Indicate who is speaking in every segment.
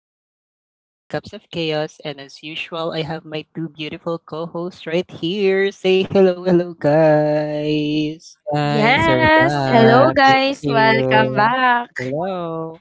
Speaker 1: Once again, this is Three Cups of Chaos, and as usual, I have my two beautiful co hosts right here. Say hello, hello, guys.
Speaker 2: Guys, we're
Speaker 3: Yes, hello
Speaker 2: back. Thank
Speaker 3: guys, welcome
Speaker 2: you.
Speaker 3: back.
Speaker 2: Hello.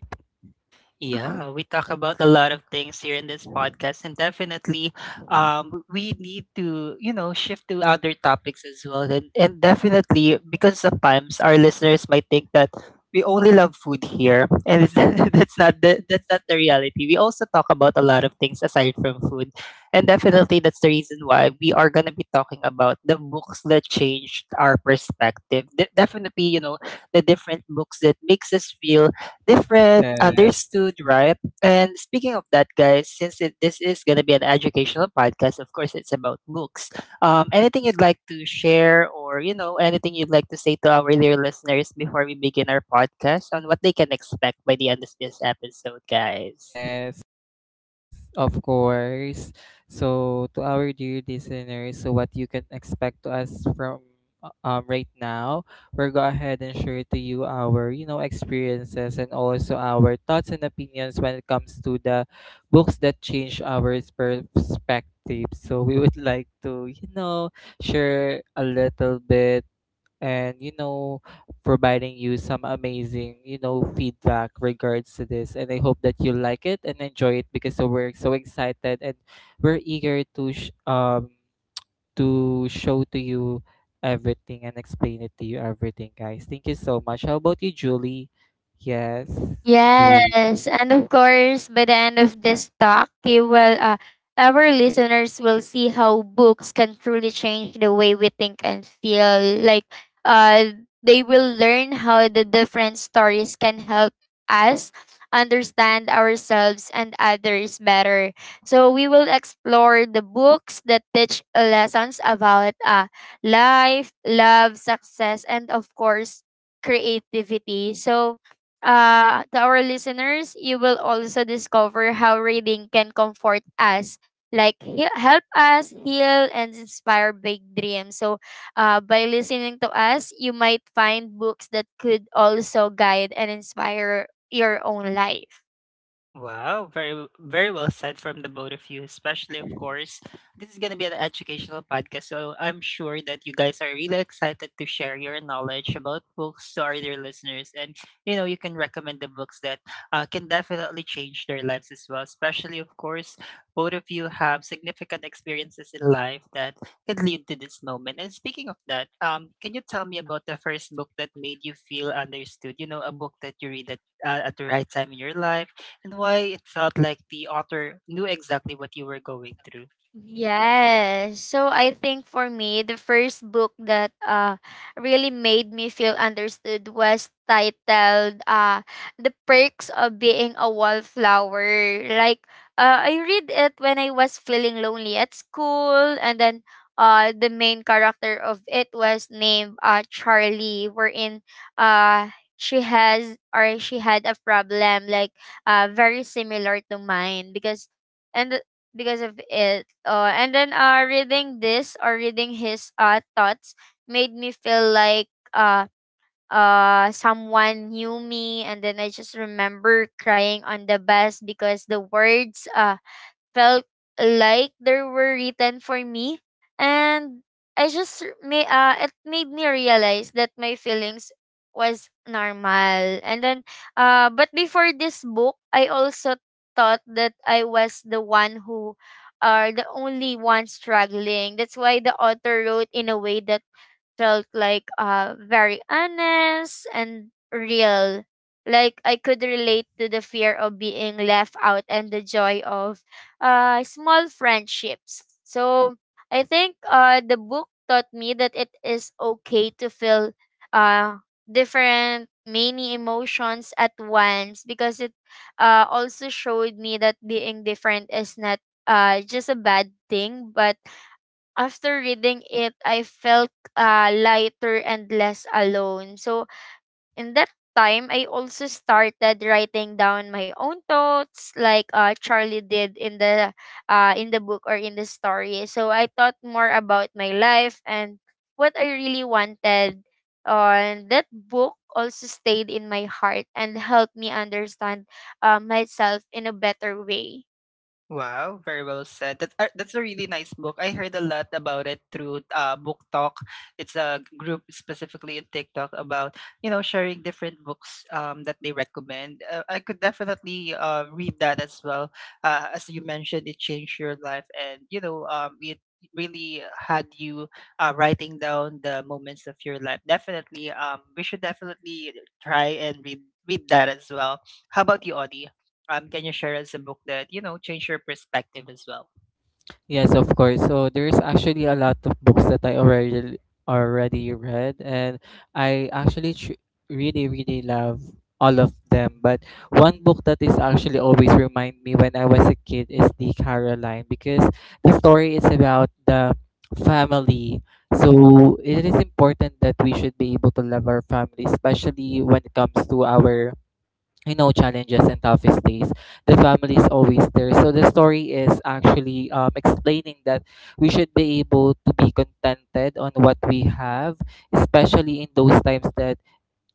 Speaker 1: Yeah, we talk about a lot of things here in this podcast, and definitely, we need to shift to other topics as well, and definitely because sometimes our listeners might think that we only love food here, and it's, that's not the reality. We also talk about a lot of things aside from food, and definitely that's the reason why we are gonna be talking about the books that changed our perspective. Definitely, you know, the different books that makes us feel different,
Speaker 2: Yes.
Speaker 1: understood, right? And speaking of that, guys, this is going to be an educational podcast. Of course, it's about books. Anything you'd like to share, or you know, anything you'd like to say to our dear listeners before we begin our podcast on what they can expect by the end of this episode, guys?
Speaker 2: Yes. Of course. So, to our dear listeners, so what you can expect to us from right now, we'll go ahead and share to you our experiences and also our thoughts and opinions when it comes to the books that change our perspective. So we would like to share a little bit and providing you some amazing feedback regards to this, and I hope that you like it and enjoy it because so we're so excited, and we're eager to to show to you everything and explain it to you everything, guys. Thank you so much. How about you, Julie? Yes. Julie.
Speaker 3: Yes, and of course, by the end of this talk, you will, our listeners will see how books can truly change the way we think and feel. Uh, they will learn how the different stories can help us understand ourselves and others better. So we will explore the books that teach lessons about life, love, success, and of course, creativity. So, to our listeners, you will also discover how reading can comfort us, like help us heal and inspire big dreams. So, by listening to us, you might find books that could also guide and inspire your own life.
Speaker 1: Wow, very well said from the both of you, especially of course. This is gonna be an educational podcast, so I'm sure that you guys are really excited to share your knowledge about books to our dear listeners. And you know, you can recommend the books that can definitely change their lives as well. Especially of course, both of you have significant experiences in life that can lead to this moment. And speaking of that, can you tell me about the first book that made you feel understood? You know, a book that you read at the right time in your life and why it felt like the author knew exactly what you were going through.
Speaker 3: Yes. So I think for me, the first book that really made me feel understood was titled The Perks of Being a Wallflower. I read it when I was feeling lonely at school, and then the main character of it was named Charlie, wherein she has or she had a problem like very similar to mine, because and because of it. And then Reading this or reading his thoughts made me feel like uh, someone knew me. And then I just remember crying on the bus because the words felt like they were written for me, and I just r- may it made me realize that my feelings was normal. And then, but before this book, I also thought that I was the one who are the only one struggling. That's why the author wrote in a way that felt very honest and real. Like, I could relate to the fear of being left out and the joy of small friendships. So I think the book taught me that it is okay to feel uh different many emotions at once, because it also showed me that being different is not just a bad thing. But after reading it, I felt lighter and less alone. So, in that time, I also started writing down my own thoughts, like Charlie did in the book or in the story. So, I thought more about my life and what I really wanted. And that book also stayed in my heart and helped me understand myself in a better way.
Speaker 1: Wow, very well said. That's a really nice book. I heard a lot about it through Book Talk. It's a group specifically in TikTok about you know sharing different books that they recommend. I could definitely read that as well. As you mentioned, it changed your life, and you know it really had you writing down the moments of your life. Definitely, we should definitely try and read that as well. How about you, Audie? Um, can you share us a book that you know changed your perspective as well?
Speaker 2: Yes, of course. So there's actually a lot of books that I already read, and I actually really really love all of them. But one book that is actually always remind me when I was a kid is the Caroline, because the story is about the family. So it is important that we should be able to love our family, especially when it comes to our challenges and toughest days. The family is always there, so the story is actually explaining that we should be able to be contented on what we have, especially in those times that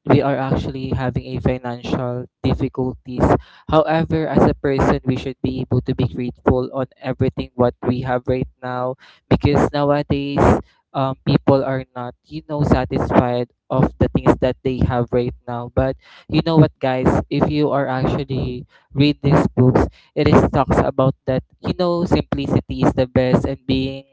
Speaker 2: we are actually having a financial difficulties. However, as a person, we should be able to be grateful on everything what we have right now, because nowadays, people are not, you know, satisfied of the things that they have right now. But you know what, guys? If you are actually read these books, it is talks about that. You know, simplicity is the best, and being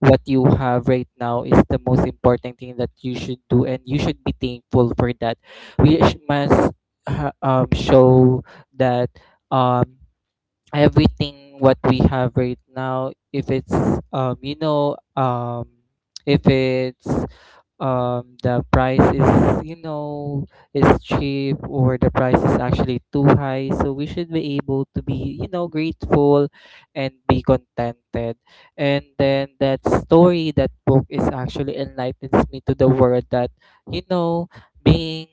Speaker 2: what you have right now is the most important thing that you should do, and you should be thankful for that. We must show that, um, everything what we have right now, if it's um, you know um, if it's the price is, you know, is cheap, or the price is actually too high, so we should be able to be grateful and be contented. And then that story, that book is actually enlightens me to the world that, you know, being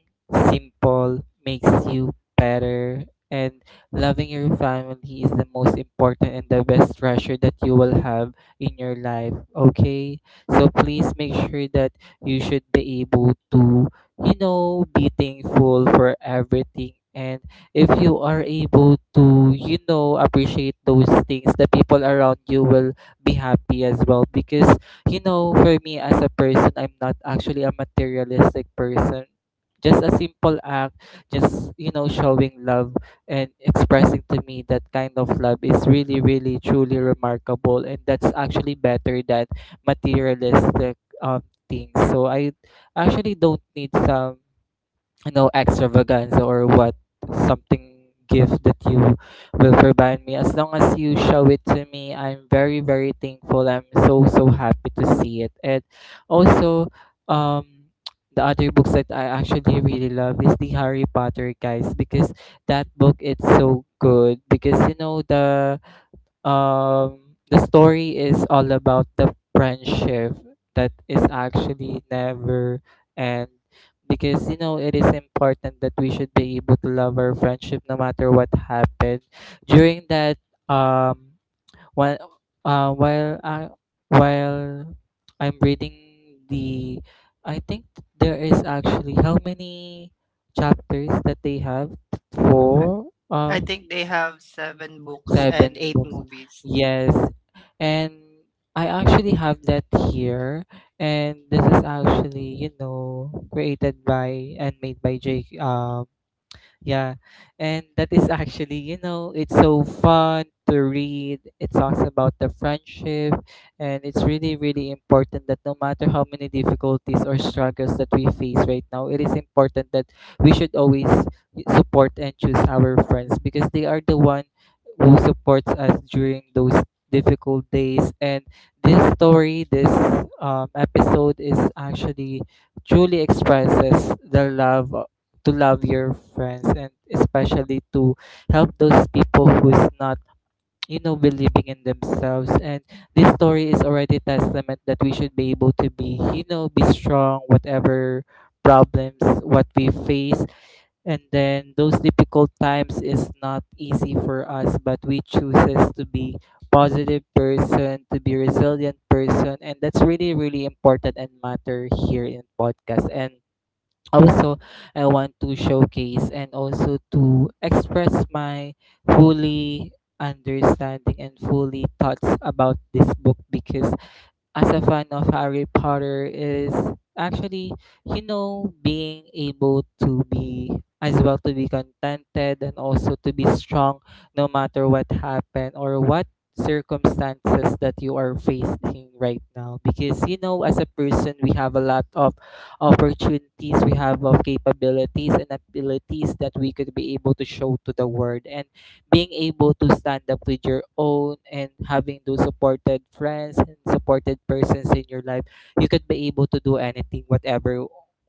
Speaker 2: simple makes you better, and loving your family is the most important and the best treasure that you will have in your life. Okay, so please make sure that you should be able to, you know, be thankful for everything, and if you are able to, you know, appreciate those things, the people around you will be happy as well. Because, you know, for me as a person, I'm not actually a materialistic person. Just a simple act, just, you know, showing love and expressing to me that kind of love is really really truly remarkable, and that's actually better than materialistic um things. So I actually don't need some, you know, extravaganza or what, something gift that you will provide me. As long as you show it to me, I'm very very thankful. I'm so so happy to see it. And also, um the other books that I actually really love is the Harry Potter, guys, because that book, it's so good, because you know the story is all about the friendship that is actually never end. Because, you know, it is important that we should be able to love our friendship no matter what happened during that, um while while I while I'm reading the I think there is actually how many chapters that they have. Four,
Speaker 1: I think they have seven books and
Speaker 2: seven
Speaker 1: eight
Speaker 2: books.
Speaker 1: movies.
Speaker 2: Yes. And I actually have that here. And this is actually, you know, created by and made by J. Yeah. And that is actually, you know, it's so fun to read. It talks about the friendship. And it's really, really important that no matter how many difficulties or struggles that we face right now, it is important that we should always support and choose our friends, because they are the one who supports us during those difficult days. And this episode is actually truly expresses the love to love your friends, and especially to help those people who's not, you know, believing in themselves. And this story is already testament that we should be able to be, you know, be strong whatever problems what we face. And then those difficult times is not easy for us, but we chooses to be positive person, to be resilient person, and that's really really important and matter here in podcast. And also, I want to showcase and also to express my fully understanding and fully thoughts about this book, because as a fan of Harry Potter is actually, you know, being able to be as well, to be contented and also to be strong no matter what happened or what circumstances that you are facing right now. Because you know, as a person, we have a lot of opportunities, we have of capabilities and abilities that we could be able to show to the world. And being able to stand up with your own and having those supported friends and supported persons in your life, you could be able to do anything whatever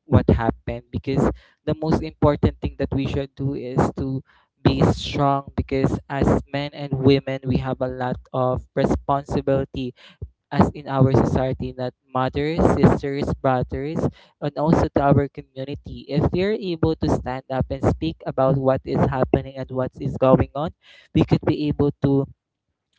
Speaker 2: what happened. Because the most important thing that we should do is to be strong, because as men and women, we have a lot of responsibility as in our society, not mothers, sisters, brothers, and also to our community. If we are able to stand up and speak about what is happening and what is going on, we could be able to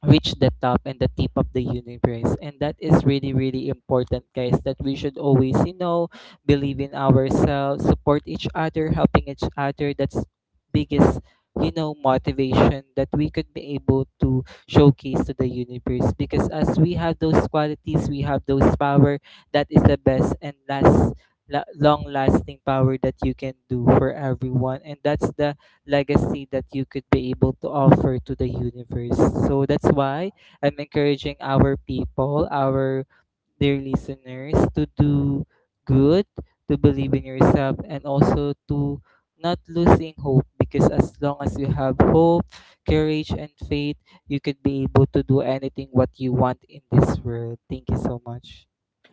Speaker 2: reach the top and the tip of the universe. And that is really really important, guys, that we should always, you know, believe in ourselves, support each other, helping each other. That's biggest, you know, motivation that we could be able to showcase to the universe, because as we have those qualities, we have those power that is the best and last long lasting power that you can do for everyone. And that's the legacy that you could be able to offer to the universe. So that's why I'm encouraging our people, our dear listeners, to do good, to believe in yourself, and also to not losing hope. Because as long as you have hope, courage, and faith, you could be able to do anything what you want in this world. Thank you so much.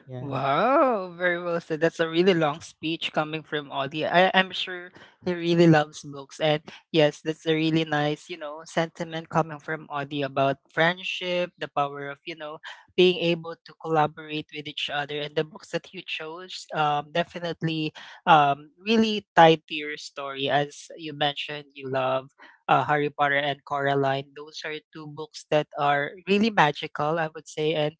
Speaker 2: Yeah.
Speaker 1: Wow, very well said. That's a really long speech coming from Audie. I'm sure he really loves books. And yes, that's a really nice, you know, sentiment coming from Audie about friendship, the power of, you know, being able to collaborate with each other. And the books that you chose definitely really tied to your story. As you mentioned, you love Harry Potter and Coraline. Those are two books that are really magical, I would say. And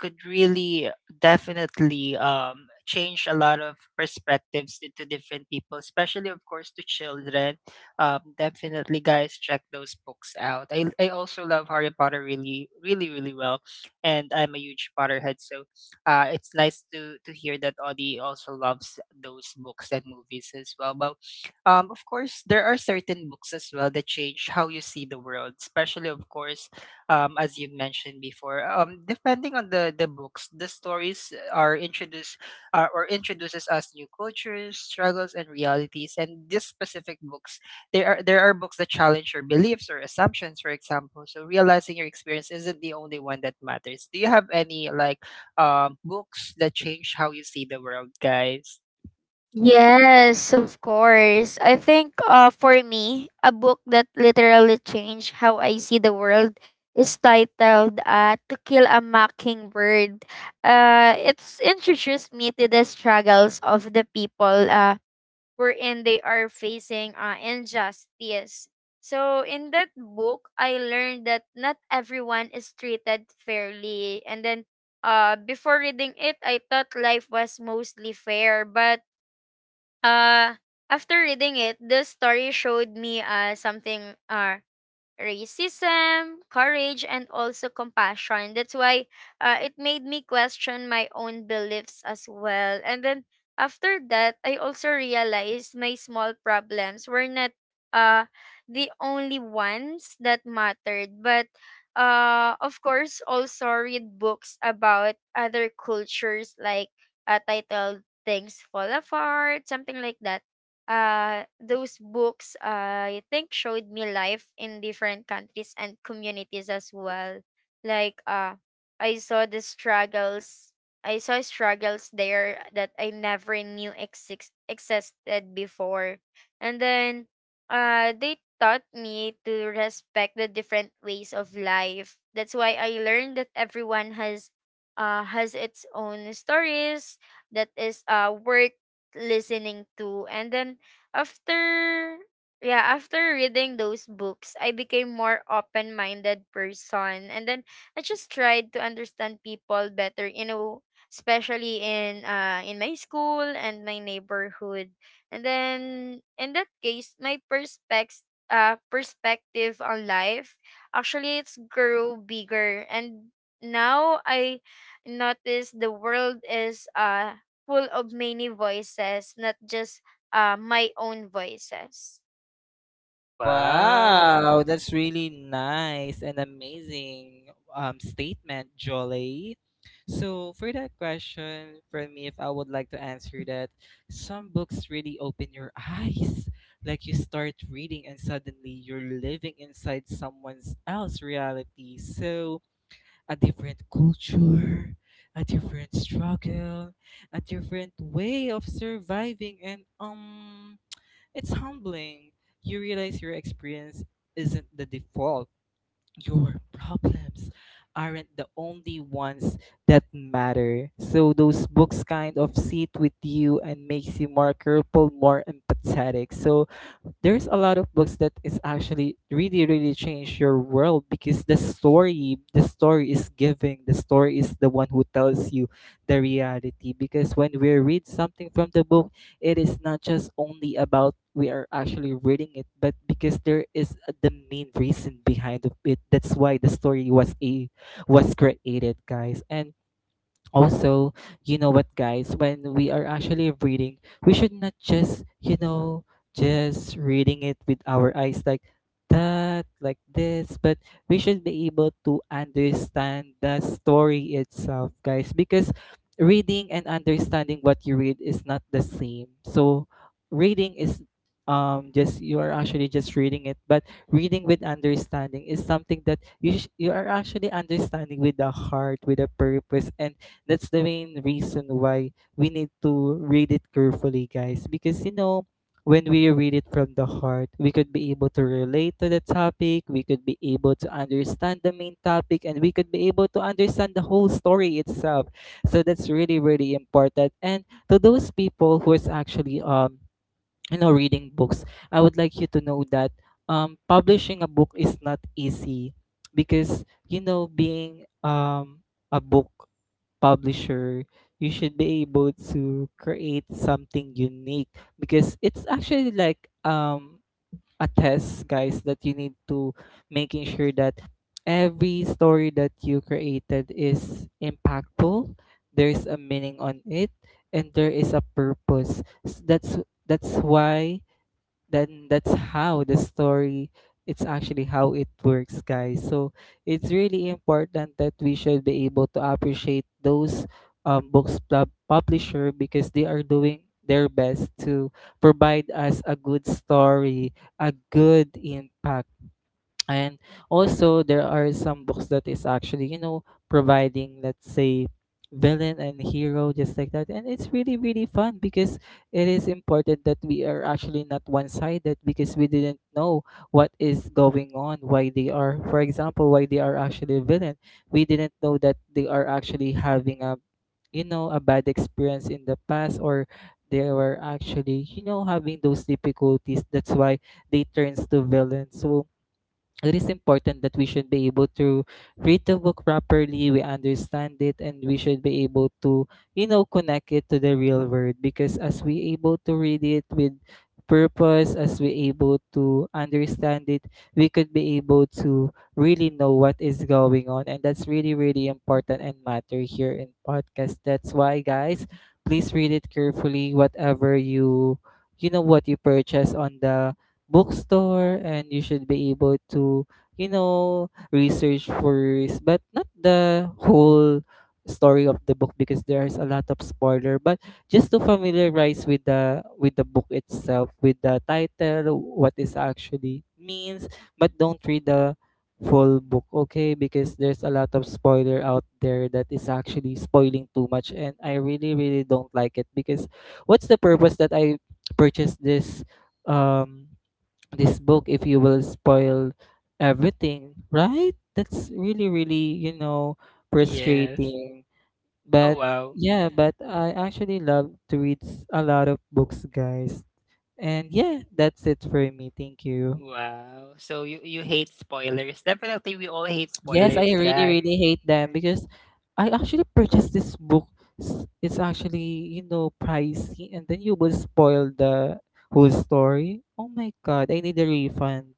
Speaker 1: could really definitely change a lot of perspectives into different people, especially of course to children. Um, definitely guys, check those books out. I also love Harry Potter really really really well, and I'm a huge Potterhead. So it's nice to hear that Audie also loves those books and movies as well. But um, of course there are certain books as well that change how you see the world, especially of course as you've mentioned before. Depending on the books, the stories are introduced or introduces us new cultures, struggles, and realities. And these specific books, there are books that challenge your beliefs or assumptions, for example. So realizing your experience isn't the only one that matters. Do you have any like books that change how you see the world, guys?
Speaker 3: Yes, of course. I think for me, a book that literally changed how I see the world is titled To Kill a Mockingbird. It's introduced me to the struggles of the people wherein they are facing injustice. So in that book, I learned that not everyone is treated fairly. And then, before reading it, I thought life was mostly fair, but Uh, after reading it, the story showed me something racism, courage, and also compassion. That's why it made me question my own beliefs as well. And then, after that, I also realized my small problems were not uh, the only ones that mattered. But of course, also read books about other cultures, like titled Things Fall Apart, something like that. Those books, I think, showed me life in different countries and communities as well. Like uh, I saw the struggles. I saw struggles there that I never knew existed before, and then they taught me to respect the different ways of life. That's why I learned that everyone has its own stories that is work listening to. And then, after yeah, after reading those books, I became more open-minded person. And then I just tried to understand people better, you know, especially in my school and my neighborhood. And then, in that case, my perspective on life actually, it's grew bigger, and now I notice the world is full of many voices, not just my own voices.
Speaker 2: Wow,
Speaker 1: Wow.
Speaker 2: that's really nice and amazing statement, Jolly. So, for that question, for me, if I would like to answer that, some books really open your eyes. Like, you start reading and suddenly you're living inside someone's else reality. So, a different culture, a different struggle, a different way of surviving, and it's humbling. You realize your experience isn't the default. Your problems aren't the only ones that matter. So those books kind of sit with you and makes you more careful, more empathetic. So there's a lot of books that is actually really really change your world, because the story is the one who tells you the reality. Because when we read something from the book, it is not just only about we are actually reading it, but because there is the main reason behind of it. That's why the story was created, guys. And also, you know what, guys, when we are actually reading, we should not just, you know, just reading it with our eyes like that, like this, but we should be able to understand the story itself, guys. Because reading and understanding what you read is not the same. So reading is just you are actually just reading it, but reading with understanding is something that you are actually understanding with the heart, with a purpose. And that's the main reason why we need to read it carefully, guys. Because, you know, when we read it from the heart, we could be able to relate to the topic, we could be able to understand the main topic, and we could be able to understand the whole story itself. So that's really, really important. And to those people who is actually, reading books, I would like you to know that, publishing a book is not easy. Because, you know, being a book publisher, you should be able to create something unique, because it's actually like a test, guys, that you need to making sure that every story that you created is impactful. There's a meaning on it, and there is a purpose. S- That's that's why then that's how the story it's Actually, how it works, guys. So it's really important that we should be able to appreciate those books publisher because they are doing their best to provide us a good story, a good impact. And also there are some books that is actually, you know, providing, let's say, villain and hero just like that, and it's really really fun. Because it is important that we are actually not one-sided, because we didn't know what is going on, why they are, for example, why they are actually a villain. We didn't know that they are actually having a, you know, a bad experience in the past, or they were actually, you know, having those difficulties. That's why they turns to villain. So it is important that we should be able to read the book properly, we understand it, and we should be able to, you know, connect it to the real world. Because as we able to read it with purpose, as we able to understand it, we could be able to really know what is going on, and that's really really important and matter here in podcast. That's why, guys, please read it carefully whatever you, you know, what you purchase on the bookstore. And you should be able to, you know, research first, but not the whole story of the book because there's a lot of spoiler, but just to familiarize with the book itself, with the title, what it actually means. But don't read the full book, okay? Because there's a lot of spoiler out there that is actually spoiling too much, and I really really don't like it. Because what's the purpose that I purchased this um this book if you will spoil everything, right? That's really, really, you know,
Speaker 1: Yes.
Speaker 2: frustrating.
Speaker 1: Oh
Speaker 2: But
Speaker 1: wow.
Speaker 2: yeah, but I actually love to read a lot of books, guys. And yeah, that's it for me. Thank you.
Speaker 1: Wow. So you hate spoilers. Definitely we all hate
Speaker 2: Yes, I
Speaker 1: spoilers,
Speaker 2: really,
Speaker 1: guys.
Speaker 2: really hate them because I actually purchased this book. It's actually, you know, pricey, and then you will spoil the whole story. Oh my God, I need a refund.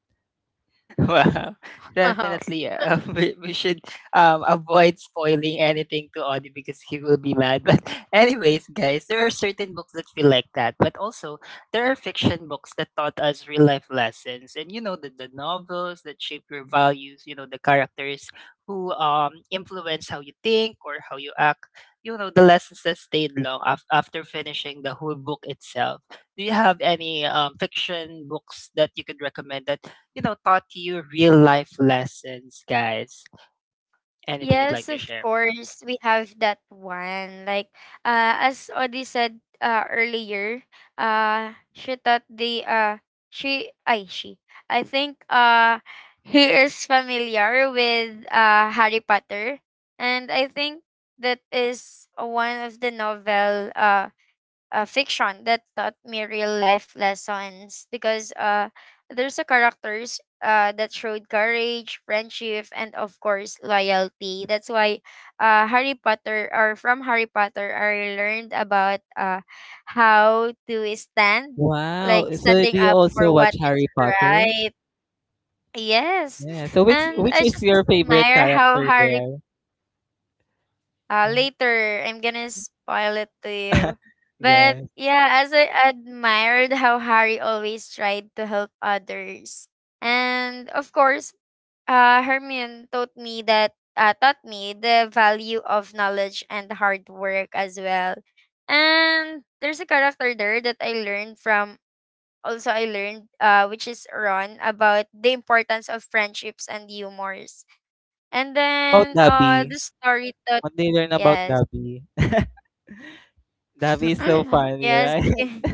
Speaker 1: Wow,
Speaker 3: Wow.
Speaker 1: definitely. We should avoid spoiling anything to Audie because he will be mad. But, anyways, guys, there are certain books that feel like that. But also, there are fiction books that taught us real life lessons. And, you know, the novels that shape your values, you know, the characters who influence how you think or how you act, you know, the lessons that stayed long after finishing the whole book itself. Do you have any fiction books that you could recommend that? You know, taught you real life lessons, guys? Anything you'd like
Speaker 3: Yes,
Speaker 1: to
Speaker 3: of
Speaker 1: share?
Speaker 3: course, we have that one. As Odi said earlier, she thought the she, I she, I think he is familiar with Harry Potter, and I think that is one of the novel fiction that taught me real life lessons, because there's a characters that showed courage, friendship, and of course loyalty. That's why Harry Potter, or from Harry Potter, I learned about how to stand,
Speaker 2: Wow.
Speaker 3: like
Speaker 2: So
Speaker 3: standing
Speaker 2: do you
Speaker 3: up
Speaker 2: also
Speaker 3: for
Speaker 2: watch
Speaker 3: what is
Speaker 2: Harry Potter?
Speaker 3: right. Yes,
Speaker 2: Yeah. So which
Speaker 3: and I
Speaker 2: which is
Speaker 3: just
Speaker 2: your
Speaker 3: admire
Speaker 2: favorite
Speaker 3: how
Speaker 2: character
Speaker 3: Harry
Speaker 2: there? Yeah.
Speaker 3: later I'm gonna spoil it to you. But
Speaker 2: Yeah.
Speaker 3: yeah, as I admired how Harry always tried to help others, and of course, Hermione taught me that taught me the value of knowledge and hard work as well. And there's a character there that I learned from. Also, I learned, which is Ron, about the importance of friendships and humors. And
Speaker 2: How about
Speaker 3: then,
Speaker 2: Dobby?
Speaker 3: the story taught,
Speaker 2: What do you learn about
Speaker 3: yes,
Speaker 2: Dobby? Dobby is so funny,
Speaker 3: Yes,
Speaker 2: right?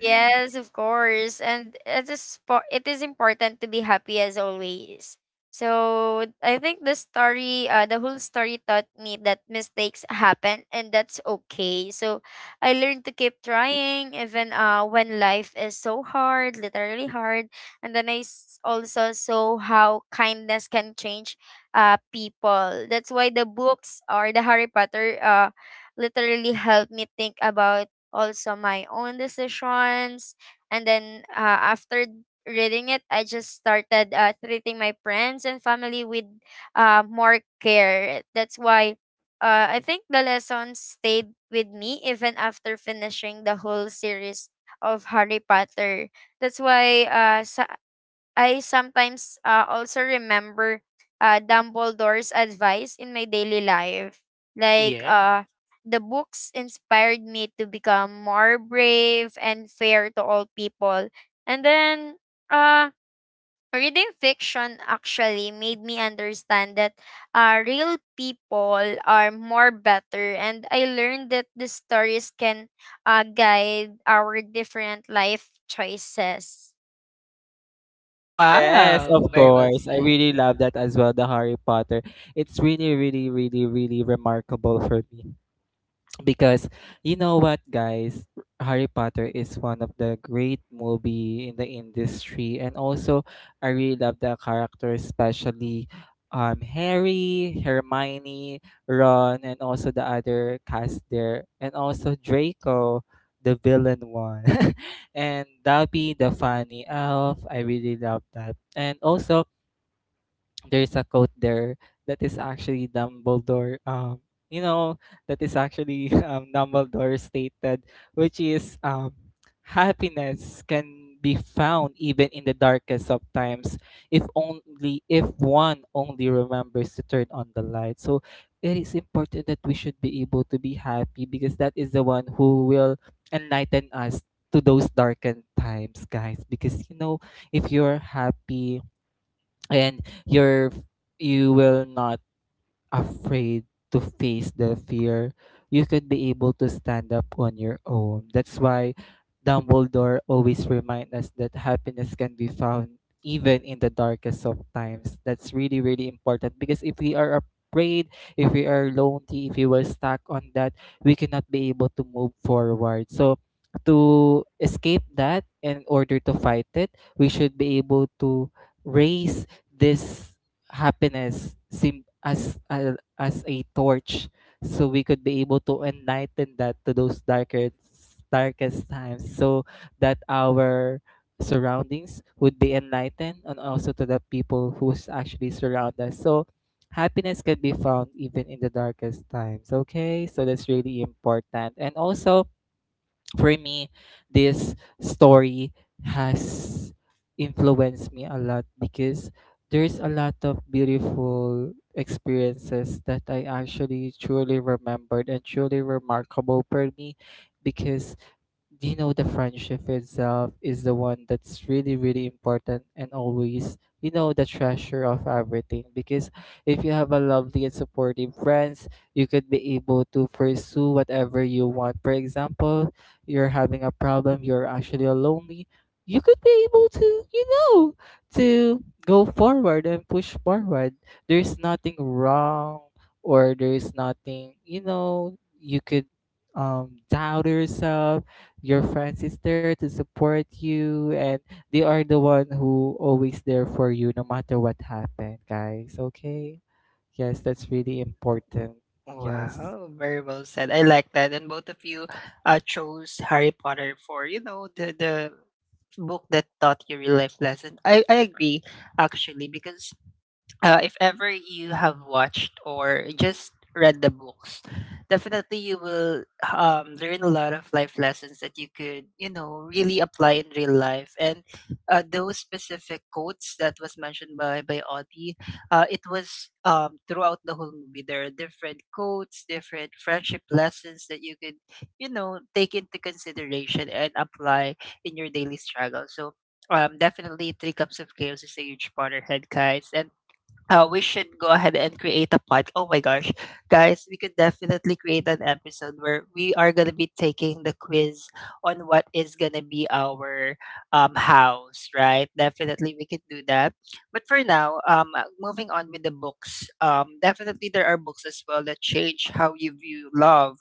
Speaker 3: yes, of course. And it is it is important to be happy as always. So I think the story, the whole story taught me that mistakes happen and that's okay. So I learned to keep trying even when life is so hard, literally hard. And then I also saw how kindness can change people. That's why the books or the Harry Potter literally helped me think about also my own decisions. And then, after reading it, I just started treating my friends and family with more care. That's why I think the lesson stayed with me even after finishing the whole series of Harry Potter. That's why I sometimes also remember Dumbledore's advice in my daily life. Like,
Speaker 1: Yeah.
Speaker 3: the books inspired me to become more brave and fair to all people. And then, uh, reading fiction actually made me understand that real people are more better. And I learned that the stories can guide our different life choices.
Speaker 2: Yes, of
Speaker 1: Wow. Very well
Speaker 2: course. I
Speaker 1: said.
Speaker 2: really love that as well, the Harry Potter. It's really, really, really, really remarkable for me. Because, you know what, guys, Harry Potter is one of the great movie in the industry, and also I really love the character, especially Harry, Hermione, Ron, and also the other cast there, and also Draco, the villain one. And Dobby, the funny elf, I really love that. And also there's a quote there that is actually Dumbledore. You know, that is actually Dumbledore stated, which is, happiness can be found even in the darkest of times if only if one only remembers to turn on the light. So it is important that we should be able to be happy, because that is the one who will enlighten us to those darkened times, guys. Because, you know, if you're happy and your, you will not afraid to face the fear, you could be able to stand up on your own. That's why Dumbledore always reminds us that happiness can be found even in the darkest of times. That's really, really important, because if we are afraid, if we are lonely, if we were stuck on that, we cannot be able to move forward. So to escape that, in order to fight it, we should be able to raise this happiness sim as a torch, so we could be able to enlighten that to those darker darkest times, so that our surroundings would be enlightened, and also to the people who's actually surround us. So happiness can be found even in the darkest times, okay? So that's really important. And also for me, this story has influenced me a lot, because there's a lot of beautiful experiences that I actually truly remembered and truly remarkable for me. Because, do you know, the friendship itself is the one that's really really important and always, you know, the treasure of everything. Because if you have a lovely and supportive friends, you could be able to pursue whatever you want. For example, you're having a problem, you're actually lonely, you could be able to, you know, to go forward and push forward. There's nothing wrong, or there's nothing, you know, you could doubt yourself. Your friends is there to support you, and they are the one who always there for you no matter what happened, guys, okay? Yes, that's really important. Yes.
Speaker 1: Wow, very well said. I like that. And both of you chose Harry Potter for, you know, the book that taught you real life lesson. I agree actually because if ever you have watched or just read the books, definitely you will learn a lot of life lessons that you could, you know, really apply in real life. And those specific quotes that was mentioned by Audie, it was throughout the whole movie. There are different quotes, different friendship lessons that you could, you know, take into consideration and apply in your daily struggle. So. Definitely, Three Cups of Chaos is a huge Potterhead, guys. And we should go ahead and create a pod. Oh my gosh, guys, we could definitely create an episode where we are gonna be taking the quiz on what is gonna be our house, right? Definitely, we could do that. But for now, moving on with the books. Definitely there are books as well that change how you view love,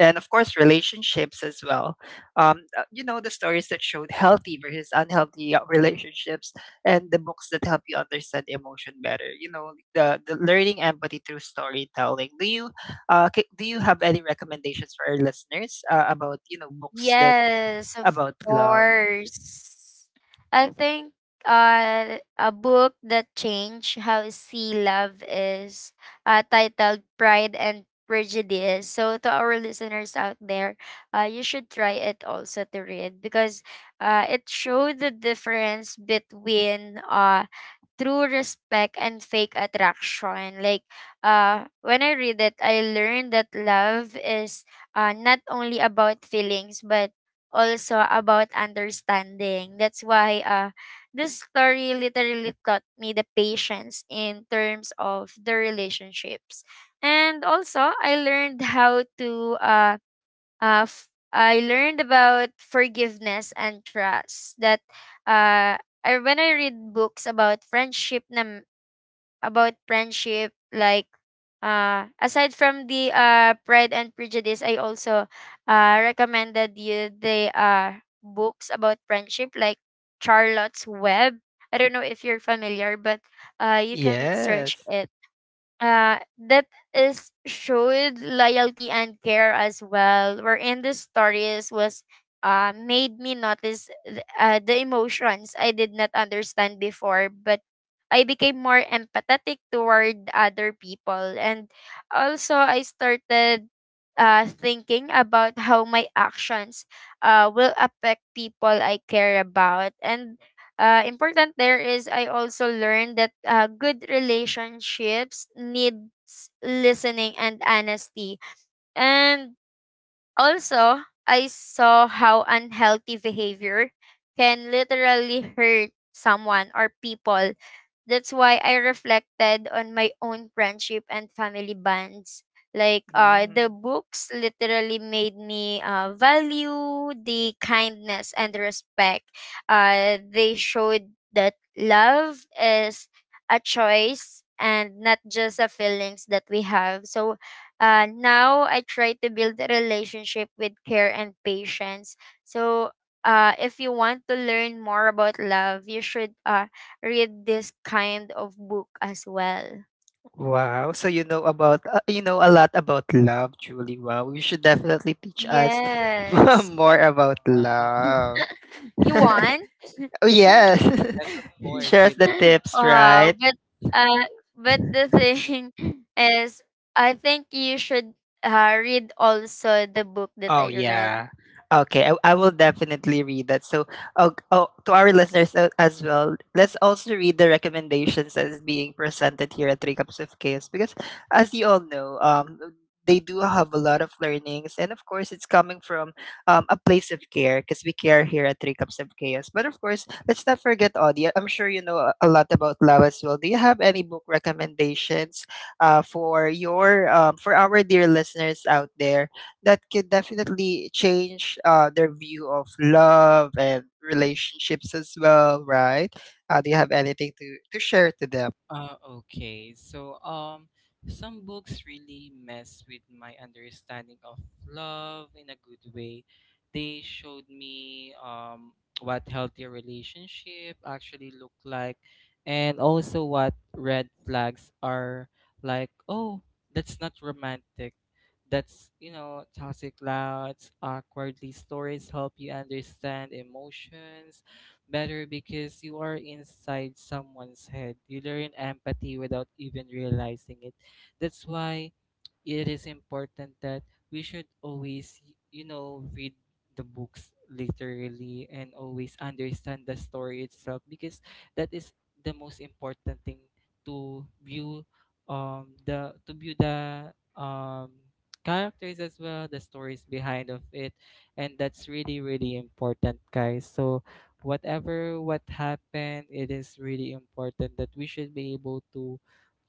Speaker 1: and of course relationships as well. You know, the stories that showed healthy versus unhealthy relationships, and the books that help you understand emotion better, you know, the learning empathy through storytelling. Do you do you have any recommendations for our listeners about you know books that
Speaker 3: Yes, of
Speaker 1: about love?
Speaker 3: course. I think a book that changed how I see love is titled Pride and Prejudice. So, to our listeners out there, you should try it also to read, because it showed the difference between true respect and fake attraction. Like, when I read it, I learned that love is not only about feelings, but also about understanding. That's why this story literally taught me the patience in terms of the relationships. And also, I learned how to uh, I learned about forgiveness and trust. That uh, I, when I read books about about friendship, like aside from the Pride and Prejudice, I also recommended you the books about friendship, like Charlotte's Web. I don't know if you're familiar, but you can search
Speaker 1: Yes.
Speaker 3: it. That is showed loyalty and care as well. Where in the stories was made me notice the emotions I did not understand before, but I became more empathetic toward other people, and also I started thinking about how my actions will affect people I care about. And important there is, I also learned that good relationships needs listening and honesty. And also, I saw how unhealthy behavior can literally hurt someone or people. That's why I reflected on my own friendship and family bonds.
Speaker 1: Mm.
Speaker 3: The books literally made me value the kindness and respect. They showed that love is a choice and not just a feelings that we have. So now I try to build a relationship with care and patience. So if you want to learn more about love, you should read this kind of book as well.
Speaker 1: Wow. So you know about you know a lot about love, Julie. Wow. You should definitely teach us
Speaker 3: Yes.
Speaker 1: more about
Speaker 2: Wow.
Speaker 1: love.
Speaker 3: You want?
Speaker 1: Oh yeah.
Speaker 2: Yes, of course,
Speaker 1: Shares
Speaker 2: we
Speaker 1: the
Speaker 2: love.
Speaker 1: tips,
Speaker 3: Wow,
Speaker 1: right?
Speaker 3: uh, but the thing is, I think you should read also the book that
Speaker 1: Oh
Speaker 3: I read.
Speaker 1: yeah. Okay, I will definitely read that. So, oh, oh, to our listeners as well, let's also read the recommendations that is being presented here at Three Cups of Chaos because, as you all know, they do have a lot of learnings, and of course, it's coming from a place of care because we care here at Three Cups of Chaos. But of course, let's not forget Audi. I'm sure you know a lot about Lao as well. Do you have any book recommendations for your for our dear listeners out there that can definitely change their view of love and relationships as well, right? Do you have anything to share to them?
Speaker 2: Okay, some books really mess with my understanding of love in a good way. They showed me what healthy relationship actually look like, and also what red flags are like. Oh, that's not romantic. That's, you know, toxic. Louds, awkwardly stories help you understand emotions better because you are inside someone's head. You learn empathy without even realizing it. That's why it is important that we should always, you know, read the books literally and always understand the story itself, because that is the most important thing to view the to view the um characters as well, the stories behind of it. And that's really really important, guys. So whatever what happened, it is really important that we should be able to,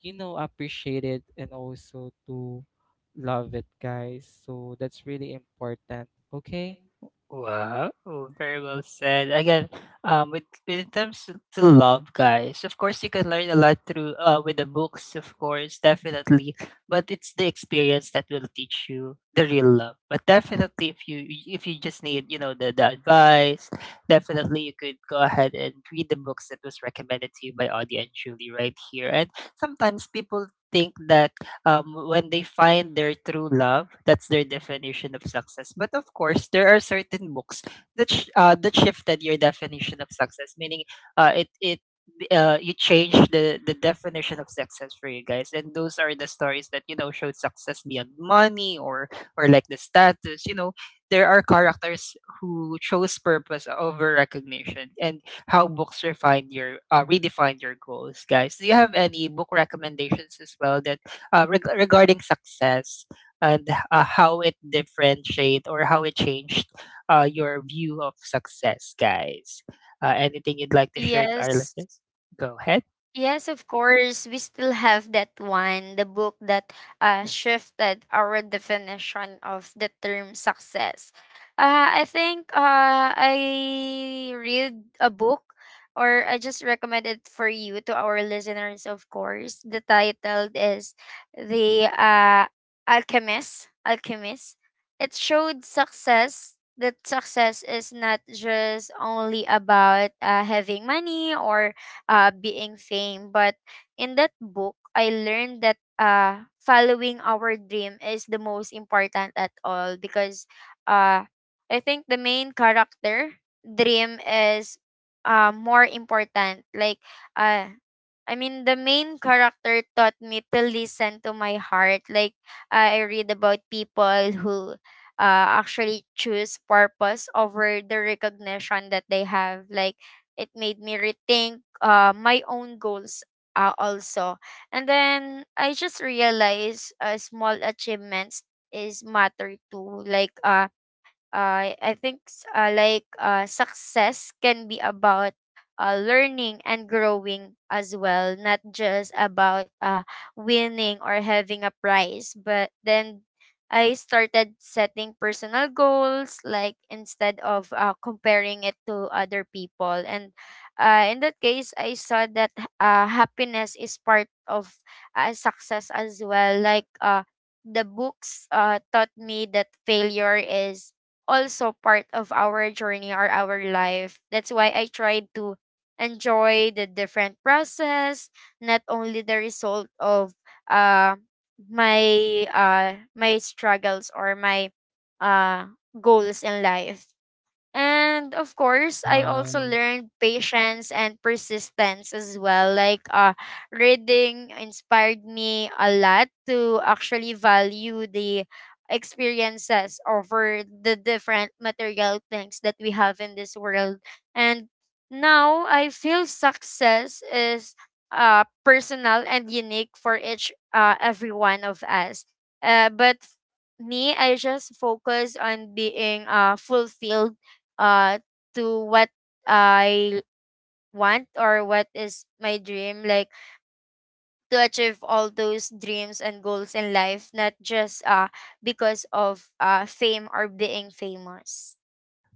Speaker 2: you know, appreciate it, and also to love it, guys. So that's really important.
Speaker 1: Yeah,
Speaker 2: Okay.
Speaker 1: okay. Wow, oh, very well said. Again, when it comes to love, guys, of course, you can learn a lot through with the books, of course, definitely. But it's the experience that will teach you the real love. But definitely, if you just need, you know, the advice, definitely you could go ahead and read the books that was recommended to you by Audie and Julie right here. And sometimes people think that when they find their true love, that's their definition of success. But of course, there are certain books that that shifted your definition of success, meaning it it you change the definition of success for you guys, and those are the stories that you know showed success beyond money or like the status. You know, there are characters who chose purpose over recognition, and how books refine your redefine your goals, guys. Do you have any book recommendations as well that regarding success, and how it differentiate or how it changed your view of success, guys? Anything you'd like to share to our
Speaker 3: Yes,
Speaker 1: listeners? Go ahead.
Speaker 3: yes, of course. We still have that one, the book that shifted our definition of the term success. I think I read a book, or I just recommend it for you to our listeners, of course. The title is The Alchemist. Alchemist. It showed success that success is not just only about having money or being same. But in that book, I learned that following our dream is the most important at all, because uh, I think the main character dream is more important. Like, uh, I mean, the main character taught me to listen to my heart. Like, I read about people who actually choose purpose over the recognition that they have. Like, it made me rethink my own goals also. And then I just realized small achievements is matter too. I think success can be about learning and growing as well, not just about winning or having a prize. But then I started setting personal goals, like instead of comparing it to other people. And in that case, I saw that happiness is part of success as well. Like the books taught me that failure is also part of our journey or our life. That's why I tried to enjoy the different process, not only the result of uh, my my struggles or my uh, goals in life. And of course, I also
Speaker 2: Wow.
Speaker 3: learned patience and persistence as well. Like reading inspired me a lot to actually value the experiences over the different material things that we have in this world. And now I feel success is personal and unique for each every one of us. But me, I just focus on being fulfilled uh to what I want or what is my dream, like to achieve all those dreams and goals in life, not just because of fame or being famous.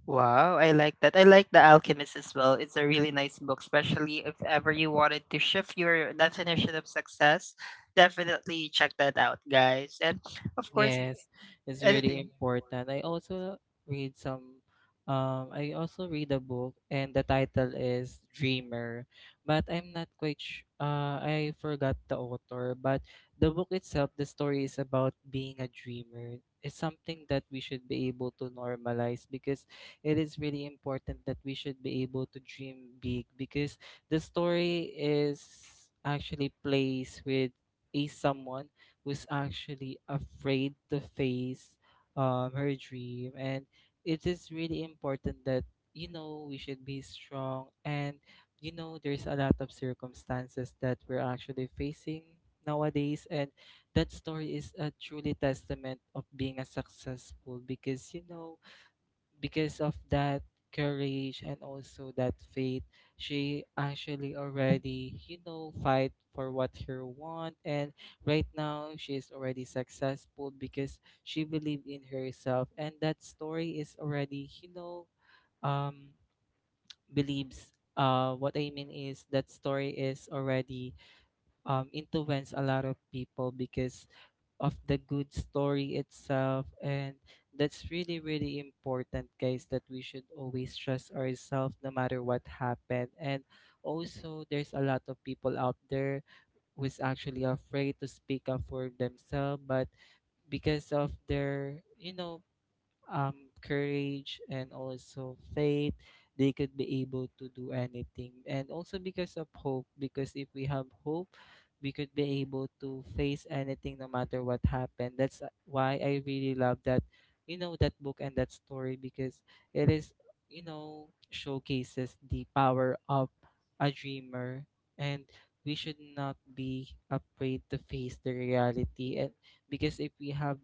Speaker 1: Wow, I like that. I like The Alchemist as well. It's a really nice book, especially if ever you wanted to shift your definition of success. Definitely check that out, guys. And of course,
Speaker 2: Yes, it's really
Speaker 1: anything.
Speaker 2: important. I also read some I also read a book, and the title is Dreamer, but I'm not quite I forgot the author. But the book itself, the story is about being a dreamer. It's something that we should be able to normalize, because it is really important that we should be able to dream big. Because the story is actually plays with a someone was actually afraid to face her dream. And it is really important that, you know, we should be strong. And, you know, there's a lot of circumstances that we're actually facing nowadays. And that story is a truly testament of being a successful, because, you know, because of that courage and also that faith, she actually already, you know, fight for what her want. And right now she is already successful, because she believed in herself. And that story is already, you know, um believes what I mean is, that story is already influence a lot of people because of the good story itself. And that's really really important, guys, that we should always trust ourselves no matter what happened. And also there's a lot of people out there who is actually afraid to speak up for themselves, but because of their, you know, courage and also faith, they could be able to do anything. And also because of hope, because if we have hope, we could be able to face anything no matter what happened. That's why I really love that, you know, that book and that story, because it is, you know, showcases the power of a dreamer. And we should not be afraid to face the reality. And because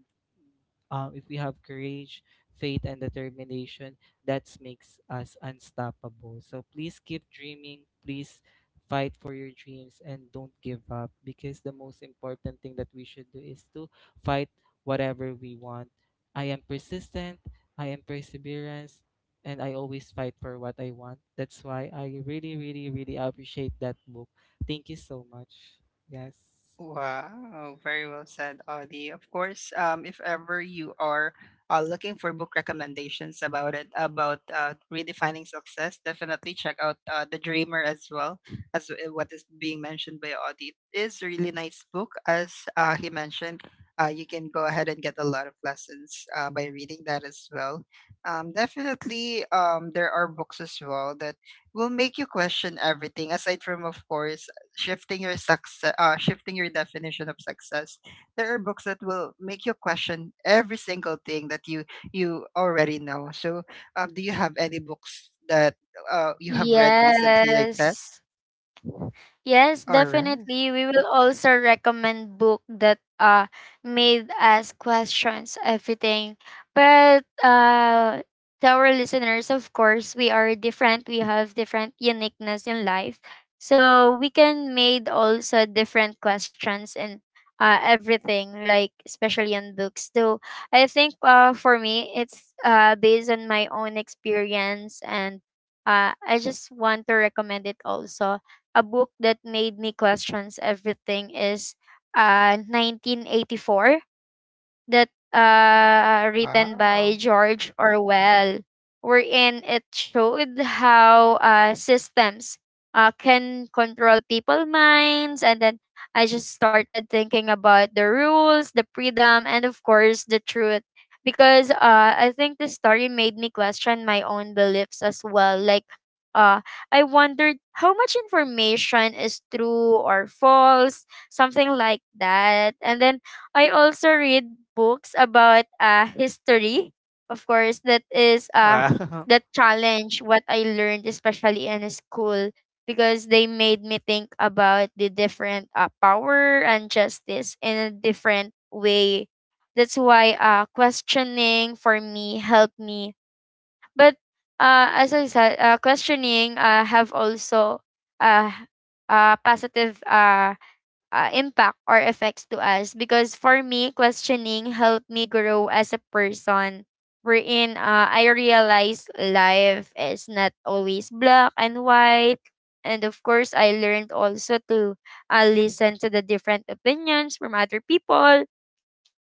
Speaker 2: if we have courage, faith, and determination, that makes us unstoppable. So please keep dreaming. Please fight for your dreams and don't give up, because the most important thing that we should do is to fight whatever we want. I am persistent, I am perseverance, and I always fight for what I want. That's why I really, really, really appreciate that book. Thank you so much. Yes.
Speaker 1: Wow, very well said, Audie. Of course, if ever you are looking for book recommendations about it, about redefining success, definitely check out The Dreamer as well, as what is being mentioned by Audie. It is a really nice book, as he mentioned. You can go ahead and get a lot of lessons by reading that as well. Definitely, there are books as well that will make you question everything, aside from, of course, shifting your success shifting your definition of success. There are books that will make you question every single thing that you already know. So do you have any books that you have read recently like that?
Speaker 3: Yes. Yes,
Speaker 1: All right.
Speaker 3: definitely. We will also recommend book that made us questions everything. But to our listeners, of course, we are different. We have different uniqueness in life. So we can made also different questions in everything, like especially in books. So I think for me it's based on my own experience, and I just want to recommend it also a book that made me question everything is 1984, that written by
Speaker 1: Wow.
Speaker 3: George Orwell, wherein it showed how systems can control people minds. And then I just started thinking about the rules, the freedom, and of course the truth. Because I think the story made me question my own beliefs as well. Like uh I wondered how much information is true or false, something like that. And then I also read books about history, of course, that is
Speaker 1: Wow.
Speaker 3: that challenge what I learned, especially in school, because they made me think about the different power and justice in a different way. That's why questioning for me helped me. But As I said, questioning have also uh, positive impact or effects to us, because for me questioning helped me grow as a person, wherein I realized life is not always black and white, and of course I learned also to listen to the different opinions from other people.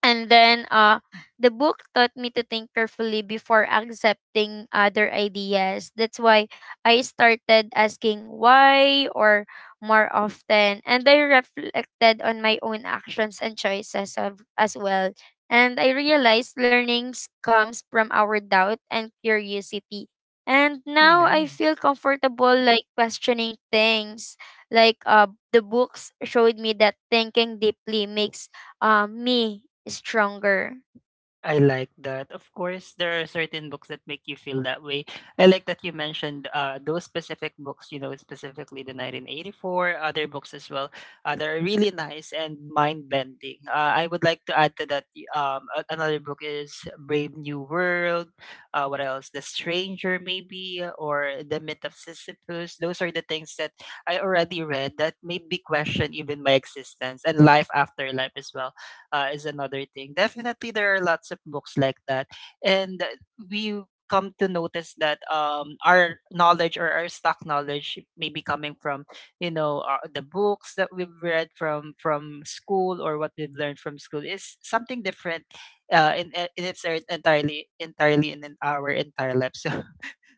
Speaker 3: And then the book taught me to think carefully before accepting other ideas. That's why I started asking why or more often. And I reflected on my own actions and choices of, as well. And I realized learnings comes from our doubt and curiosity. And now I feel
Speaker 1: Yes,
Speaker 3: comfortable like questioning things. Like the books showed me that thinking deeply makes me stronger.
Speaker 1: I like that. Of course, there are certain books that make you feel that way. I like that you mentioned those specific books, you know, specifically the 1984, other books as well, that are really nice and mind bending. I would like to add to that another book is Brave New World. What else? The Stranger, maybe, or The Myth of Sisyphus. Those are the things that I already read that made me question even my existence and life after life as well is another thing. Definitely, there are lots of books like that, and we come to notice that our knowledge or our stock knowledge may be coming from, you know, the books that we've read from school, or what we've learned from school is something different uh, in, in its entirely in our entire life. So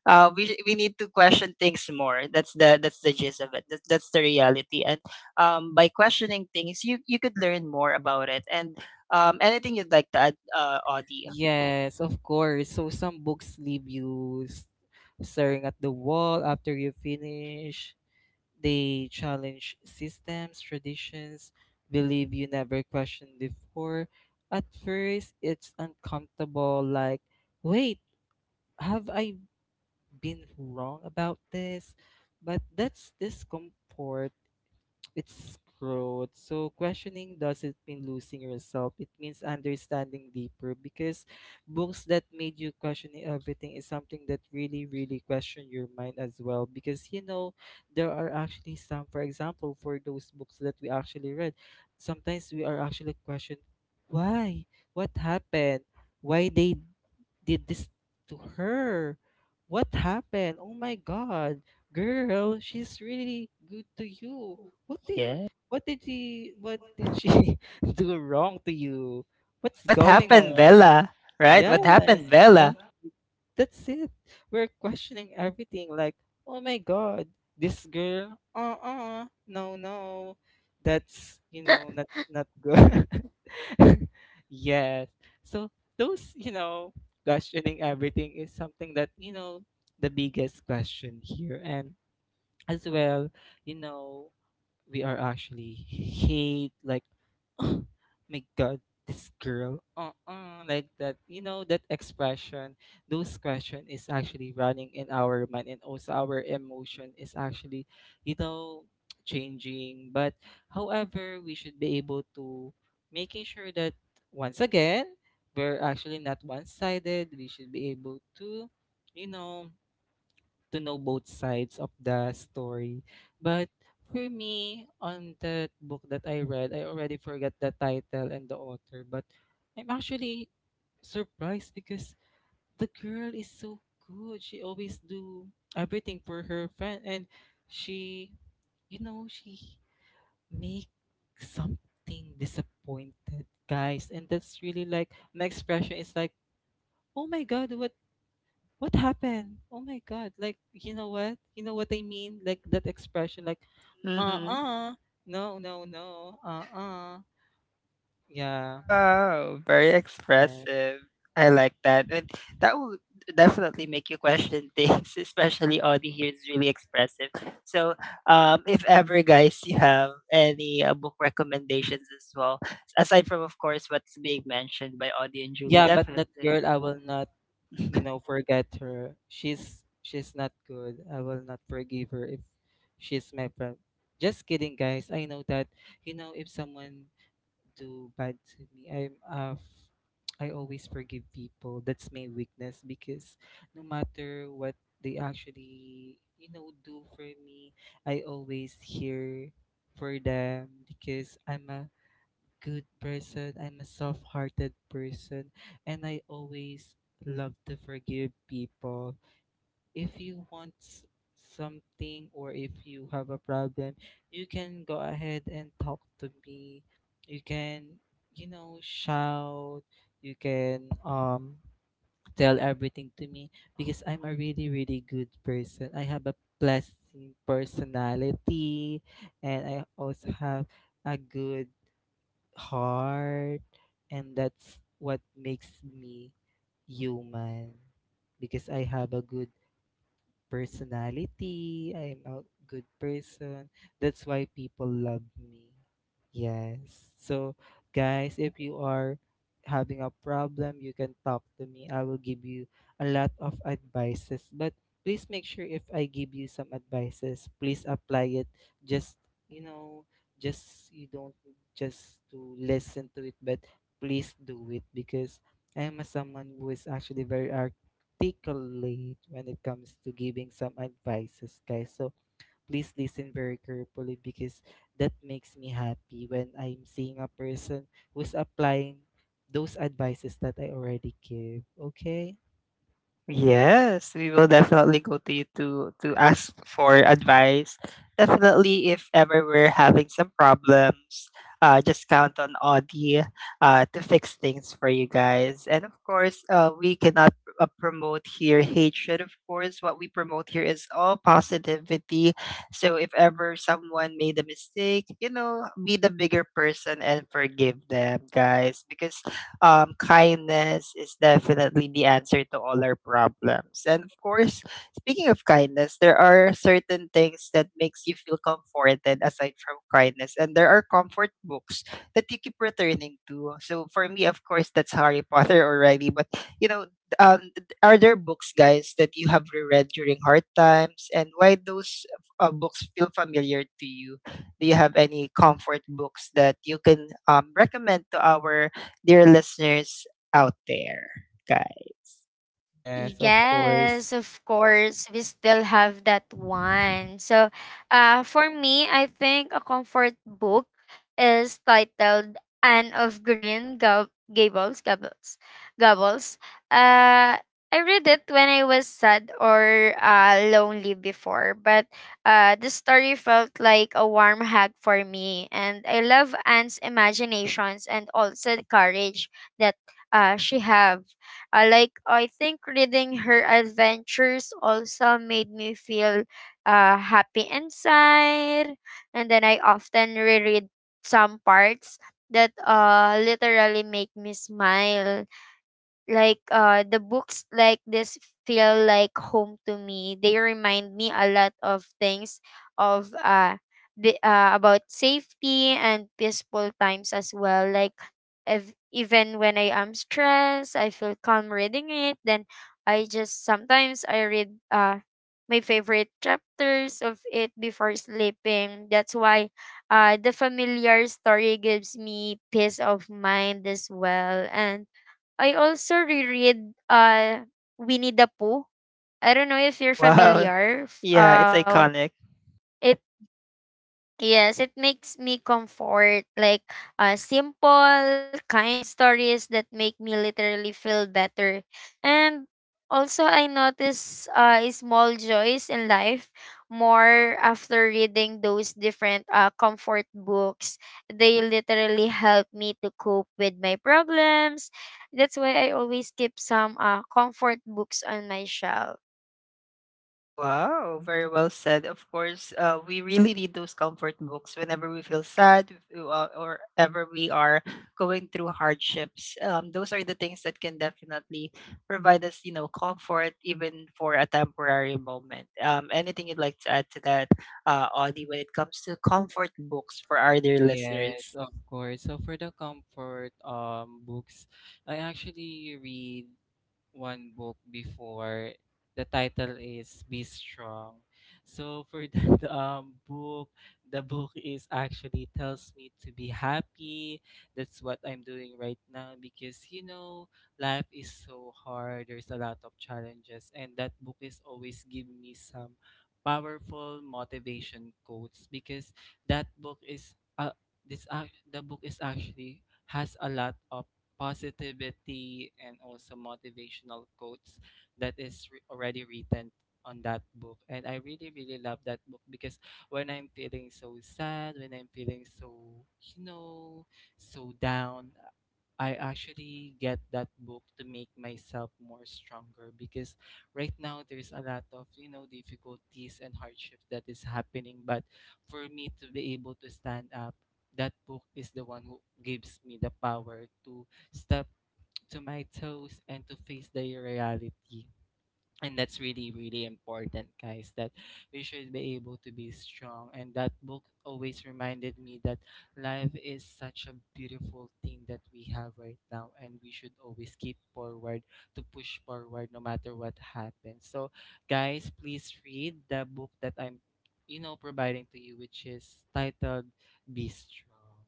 Speaker 1: we need to question things more. That's the gist of it. That's the reality. And by questioning things, you could learn more about it. And anything you'd like to add, Audie?
Speaker 2: Yes, of course. So some books leave you staring at the wall after you finish. They challenge systems, traditions, believe you never questioned before. At first, it's uncomfortable, like, wait, have I been wrong about this? But that's discomfort, it's growth. So questioning doesn't mean losing yourself. It means understanding deeper, because books that made you questioning everything is something that really, really question your mind as well. Because, you know, there are actually some, for example, for those books that we actually read, sometimes we are actually questioned why? What happened? Why they did this to her? What happened? Oh my god, girl, she's really good to you. What did
Speaker 1: Yeah.
Speaker 2: what did she what did she do wrong to you? What's
Speaker 1: What
Speaker 2: going
Speaker 1: happened,
Speaker 2: on?
Speaker 1: Bella? Right?
Speaker 2: Yes,
Speaker 1: What happened, Bella?
Speaker 2: exactly. That's it. We're questioning everything like, oh my God, this girl, uh-uh, no, no. That's, you know, not not good. Yes. So those, you know, questioning everything is something that, you know, the biggest question here. And as well, you know, we are actually hate, like, oh my god, this girl, uh-uh, like that, you know, that expression. Those question is actually running in our mind, and also our emotion is actually, you know, changing. But however, we should be able to making sure that, once again, we're actually not one-sided. We should be able to, you know, to know both sides of the story. But for me, on that book that I read, I already forgot the title and the author, but I'm actually surprised because the girl is so good. She always do everything for her friend and she you know she make something disappointed guys, and that's really like, my expression is like, oh my god, what happened? Oh my god. Like, you know what? You know what I mean? Like that expression, like,
Speaker 1: Mm-hmm.
Speaker 2: uh-uh, no, no, no, uh-uh. Yeah.
Speaker 1: Oh, very
Speaker 2: S- right.
Speaker 1: expressive. I like that. And that will definitely make you question things, especially Audie here is really expressive. So, if ever, guys, you have any book recommendations as well, aside from, of course, what's being mentioned by Audie and Julie,
Speaker 2: Yeah, but that
Speaker 1: definitely.
Speaker 2: girl, I will not, forget her. She's not good. I will not forgive her if she's my friend. Just kidding, guys. I know that, if someone do bad to me. I'm I always forgive people. That's my weakness because no matter what they actually, do for me, I always hear for them because I'm a good person. I'm a soft-hearted person, and I always love to forgive people. If you want something, or if you have a problem, you can go ahead and talk to me. You can, shout. You can tell everything to me, because I'm a really good person. I have a pleasant personality, and I also have a good heart, and that's what makes me human, because I have a good personality, I'm a good person. That's why people love me. Yes. So, guys, if you are having a problem, you can talk to me. I will give you a lot of advices. But please make sure if I give you some advices, please apply it. Just, you know, just you don't just to listen to it, but please do it, because I am a someone who is actually very articulate when it comes to giving some advices, guys. So please listen very carefully, because that makes me happy when I'm seeing a person who's applying those advices that I already give. Okay?
Speaker 1: Yes, we will definitely go to you to ask for advice. Definitely, if ever we're having some problems, just count on Audi to fix things for you guys. And of course, we cannot promote here hatred. Of course, what we promote here is all positivity. So if ever someone made a mistake, you know, be the bigger person and forgive them, guys, because kindness is definitely the answer to all our problems. And of course, speaking of kindness, there are certain things that makes you feel comforted aside from kindness, and there are comfort books that you keep returning to. So for me, of course, that's Harry Potter already. But you know, um, are there books, guys, that you have reread during hard times, and why those books feel familiar to you? Do you have any comfort books that you can recommend to our dear listeners out there, guys?
Speaker 2: Yes, of
Speaker 3: Yes,
Speaker 2: course.
Speaker 3: of course. We still have that one. So, for me, I think a comfort book is titled Anne of Green Gables. Gables. Uh, I read it when I was sad or lonely before, but the story felt like a warm hug for me. And I love Anne's imaginations and also the courage that she have. Like I think reading her adventures also made me feel happy inside, and then I often reread some parts that literally make me smile. Like the books like this feel like home to me. They remind me a lot of things of about safety and peaceful times as well. Like, if, even when I am stressed, I feel calm reading it. Then I just sometimes I read my favorite chapters of it before sleeping. That's why the familiar story gives me peace of mind as well. And I also reread Winnie the Pooh. I don't know if you're
Speaker 1: Oh wow.
Speaker 3: familiar. F-
Speaker 1: Yeah, it's iconic.
Speaker 3: It Yes, it makes me comfort, like simple, kind stories that make me literally feel better. And also, I notice small joys in life more after reading those different comfort books. They literally help me to cope with my problems. That's why I always keep some comfort books on my shelf.
Speaker 1: Wow, very well said. Of course, we really need those comfort books whenever we feel sad or ever we are going through hardships. Those are the things that can definitely provide us, you know, comfort even for a temporary moment. Anything you'd like to add to that, Audie, when it comes to comfort books for our dear
Speaker 2: Yes,
Speaker 1: listeners?
Speaker 2: of course. So for the comfort books, I actually read one book before. The title is Be Strong. So for that book, the book is actually tells me to be happy. That's what I'm doing right now, because you know life is so hard. There's a lot of challenges, and that book is always giving me some powerful motivation quotes, because that book is this ac the book is actually has a lot of positivity and also motivational quotes that is already written on that book, and I really love that book because when I'm feeling so sad, when I'm feeling so, you know, so down, I actually get that book to make myself more stronger, because right now there's a lot of, you know, difficulties and hardships that is happening, but for me to be able to stand up, that book is the one who gives me the power to step to my toes and to face the reality. And that's really important, guys, that we should be able to be strong, and that book always reminded me that life is such a beautiful thing that we have right now, and we should always keep forward to push forward no matter what happens. So guys, please read the book that I'm, providing to you, which is titled Be Strong.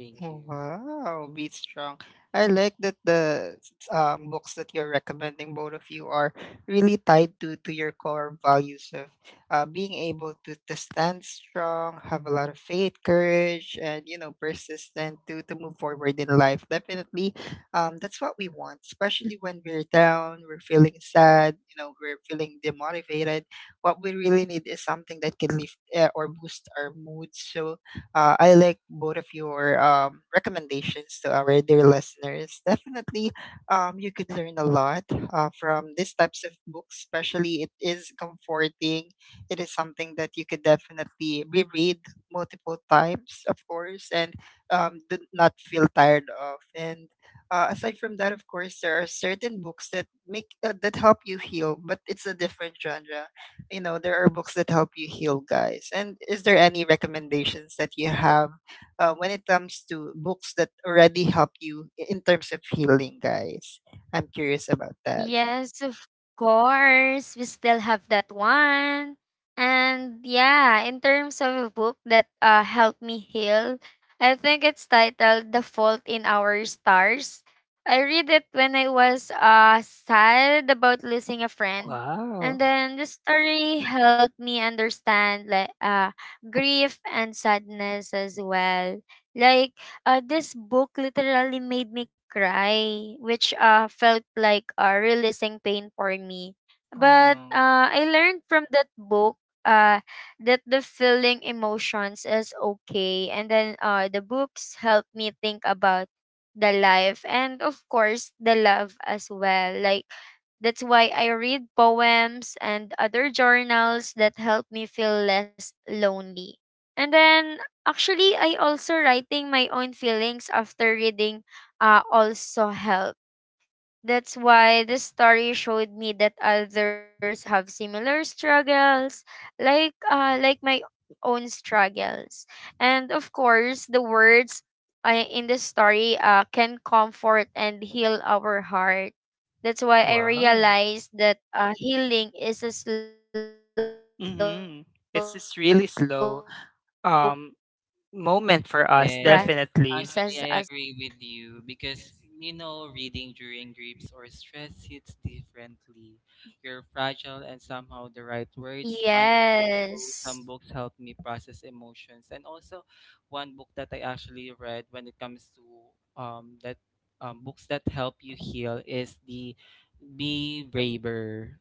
Speaker 2: Thank you.
Speaker 1: Oh, wow, Beat Strong. I like that the books that you're recommending, both of you, are really tied to your core values of being able to stand strong, have a lot of faith, courage, and, you know, persistent to move forward in life. Definitely, that's what we want, especially when we're down, we're feeling sad, you know, we're feeling demotivated. What we really need is something that can lift or boost our mood. So, I like both of your recommendations to our dear listeners. Definitely, you could learn a lot from these types of books, especially it is comforting. It is something that you could definitely reread multiple times, of course, and do not feel tired of. And aside from that, of course, there are certain books that make that help you heal, but it's a different genre. You know, there are books that help you heal, guys, and is there any recommendations that you have when it comes to books that already help you in terms of healing, guys? I'm curious about that.
Speaker 3: Yes, of course. We still have that one. And yeah, in terms of a book that helped me heal, I think it's titled The Fault in Our Stars. I read it when I was sad about losing a friend.
Speaker 1: Wow.
Speaker 3: And then the story helped me understand, like grief and sadness as well. Like this book literally made me cry, which felt like releasing pain for me.
Speaker 1: Oh
Speaker 3: But
Speaker 1: no.
Speaker 3: I learned from that book uh, that the feeling emotions is okay. And then the books helped me think about the life and, of course, the love as well. Like, that's why I read poems and other journals that help me feel less lonely. And then actually, I also writing my own feelings after reading also helped. That's why the story showed me that others have similar struggles, like my own struggles. And of course, the words in the story can comfort and heal our heart. That's why I
Speaker 1: Wow.
Speaker 3: realized that healing is a slow process as
Speaker 1: Mm-hmm.
Speaker 3: well.
Speaker 1: It's
Speaker 3: And
Speaker 1: just really
Speaker 3: then,
Speaker 1: slow
Speaker 3: of course,
Speaker 1: um moment for us
Speaker 2: Yes,
Speaker 1: definitely.
Speaker 2: actually, I agree with you, because you know, reading during griefs or stress hits differently. You're fragile, and somehow the right words find it.
Speaker 3: yes.
Speaker 2: So some books help me process emotions, and also one book that I actually read when it comes to that books that help you heal is the Be Braver.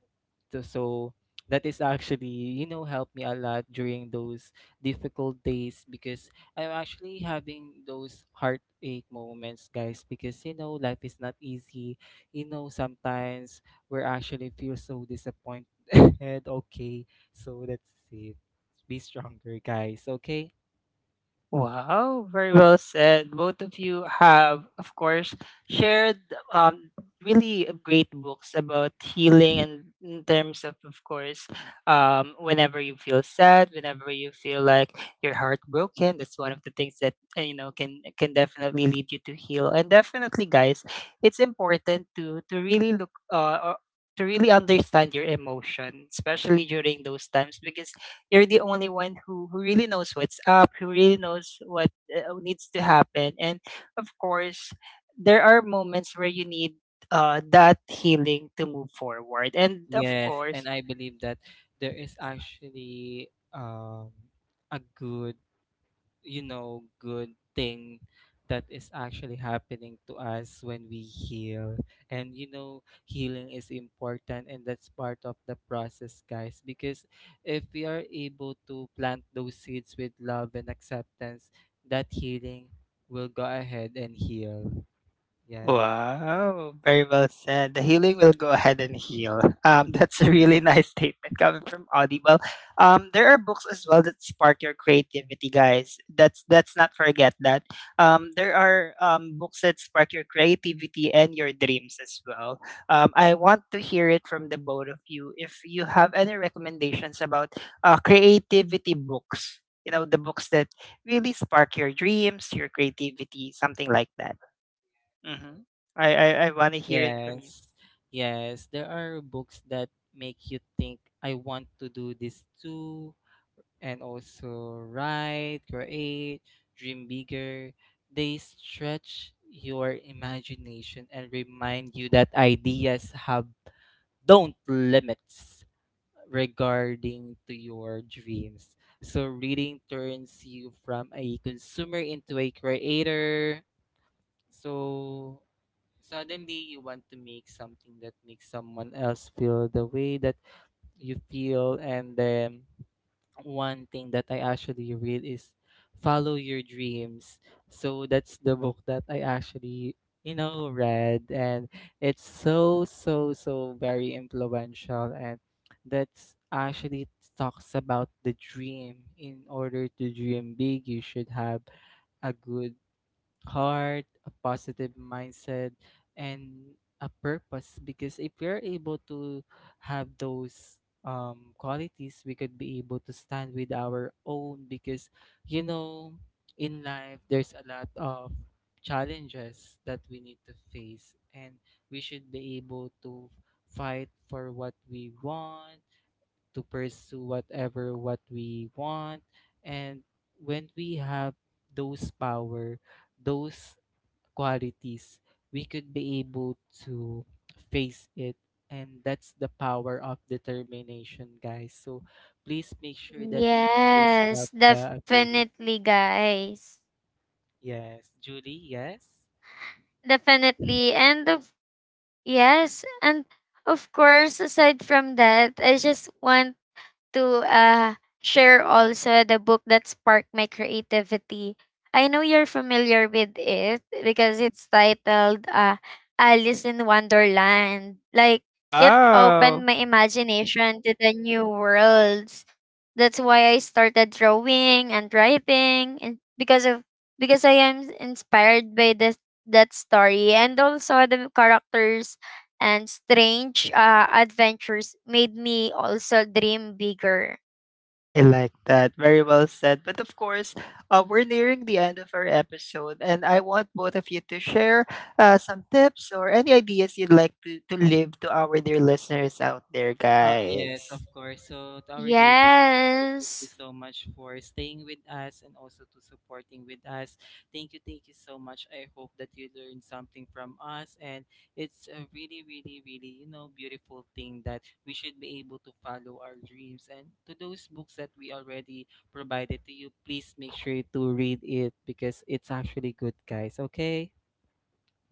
Speaker 2: So that is actually, you know, helped me a lot during those difficult days, because I'm actually having those heartache moments, guys, because you know life is not easy. You know sometimes we're actually feel so disappointed. Okay, so that's it. Be stronger, guys. Okay.
Speaker 1: Wow, very well said. Both of you have, of course, shared um, really great books about healing and in terms of course, whenever you feel sad, whenever you feel like your heart broken, that's one of the things that, you know, can definitely lead you to heal. And definitely, guys, it's important to really look or to really understand your emotion, especially during those times, because you're the only one who really knows what's up, who really knows what needs to happen. And of course, there are moments where you need that healing to move forward. And of
Speaker 2: Yes,
Speaker 1: course,
Speaker 2: and I believe that there is actually a good, you know, good thing that is actually happening to us when we heal. And you know, healing is important, and that's part of the process, guys, because if we are able to plant those seeds with love and acceptance, that healing will go ahead and heal. Yes.
Speaker 1: wow, very well said. The healing will go ahead and heal. That's a really nice statement coming from Audible. There are books as well that spark your creativity, guys. That's not forget that. There are books that spark your creativity and your dreams as well. I want to hear it from the both of you. If you have any recommendations about creativity books, you know the books that really spark your dreams, your creativity, something like that. Mhm. I want to hear it from you.
Speaker 2: Yes. Yes. There are books that make you think, I want to do this too, and also write, create, dream bigger. They stretch your imagination and remind you that ideas have don't limits regarding to your dreams. So reading turns you from a consumer into a creator. So suddenly, you want to make something that makes someone else feel the way that you feel. And then, one thing that I actually read is Follow Your Dreams. So that's the book that I actually, you know, read. And it's so, so, so very influential. And that's actually talks about the dream. In order to dream big, you should have a good heart, a positive mindset, and a purpose. Because if we're able to have those qualities, we could be able to stand with our own. Because, you know, in life, there's a lot of challenges that we need to face, and we should be able to fight for what we want, to pursue whatever what we want, and when we have those power, those qualities, we could be able to face it. And that's the power of determination, guys. So please make sure that you always
Speaker 3: Yes,
Speaker 2: have the ability.
Speaker 3: definitely, guys.
Speaker 2: Yes. Julie, yes?
Speaker 3: Definitely. And of course, aside from that, I just want to share also the book that sparked my creativity. I know you're familiar with it because it's titled Alice in Wonderland. Like, it
Speaker 1: Wow.
Speaker 3: opened my imagination to the new worlds. That's why I started drawing and writing, and because I am inspired by this, that story, and also the characters and strange adventures made me also dream bigger.
Speaker 1: I like that. Very well said. But of course, we're nearing the end of our episode, and I want both of you to share some tips or any ideas you'd like to leave to our dear listeners out there,
Speaker 2: Yes, of
Speaker 1: guys.
Speaker 2: course. So, to our dear listeners, thank you
Speaker 3: Yes.
Speaker 2: so much for staying with us, and also to supporting with us. Thank you so much. I hope that you learned something from us, and it's a really, you know, beautiful thing that we should be able to follow our dreams. And to those books that we already provided to you, please make sure to read it, because it's actually good, guys. Okay?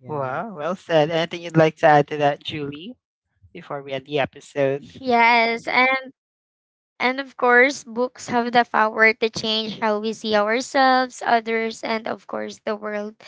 Speaker 2: Yes.
Speaker 1: Wow, well said. Anything you'd like to add to that, Julie, before we end the episode?
Speaker 3: Yes. And of course, books have the power to change how we see ourselves, others, and of course, the world.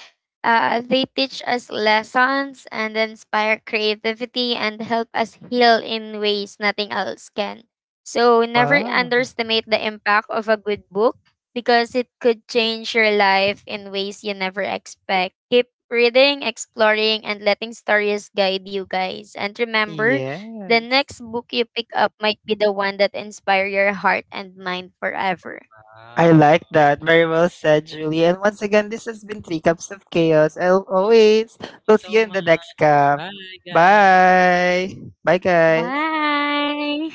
Speaker 3: They teach us lessons and inspire creativity and help us heal in ways nothing else can. So, never
Speaker 1: Wow.
Speaker 3: underestimate the impact of a good book, because it could change your life in ways you never expect. Keep reading, exploring, and letting stories guide you, guys. And remember, the
Speaker 1: Yes.
Speaker 3: next book you pick up might be the one that inspire your heart and mind forever.
Speaker 1: I
Speaker 2: Wow.
Speaker 1: like that. Very well said, Julie. And once again, this has been Three Cups of Chaos. As always, we'll
Speaker 2: Thank you
Speaker 1: see you
Speaker 2: so
Speaker 1: in
Speaker 2: much.
Speaker 1: the next cup.
Speaker 2: Bye, guys.
Speaker 1: Bye. Bye, guys.
Speaker 3: Bye.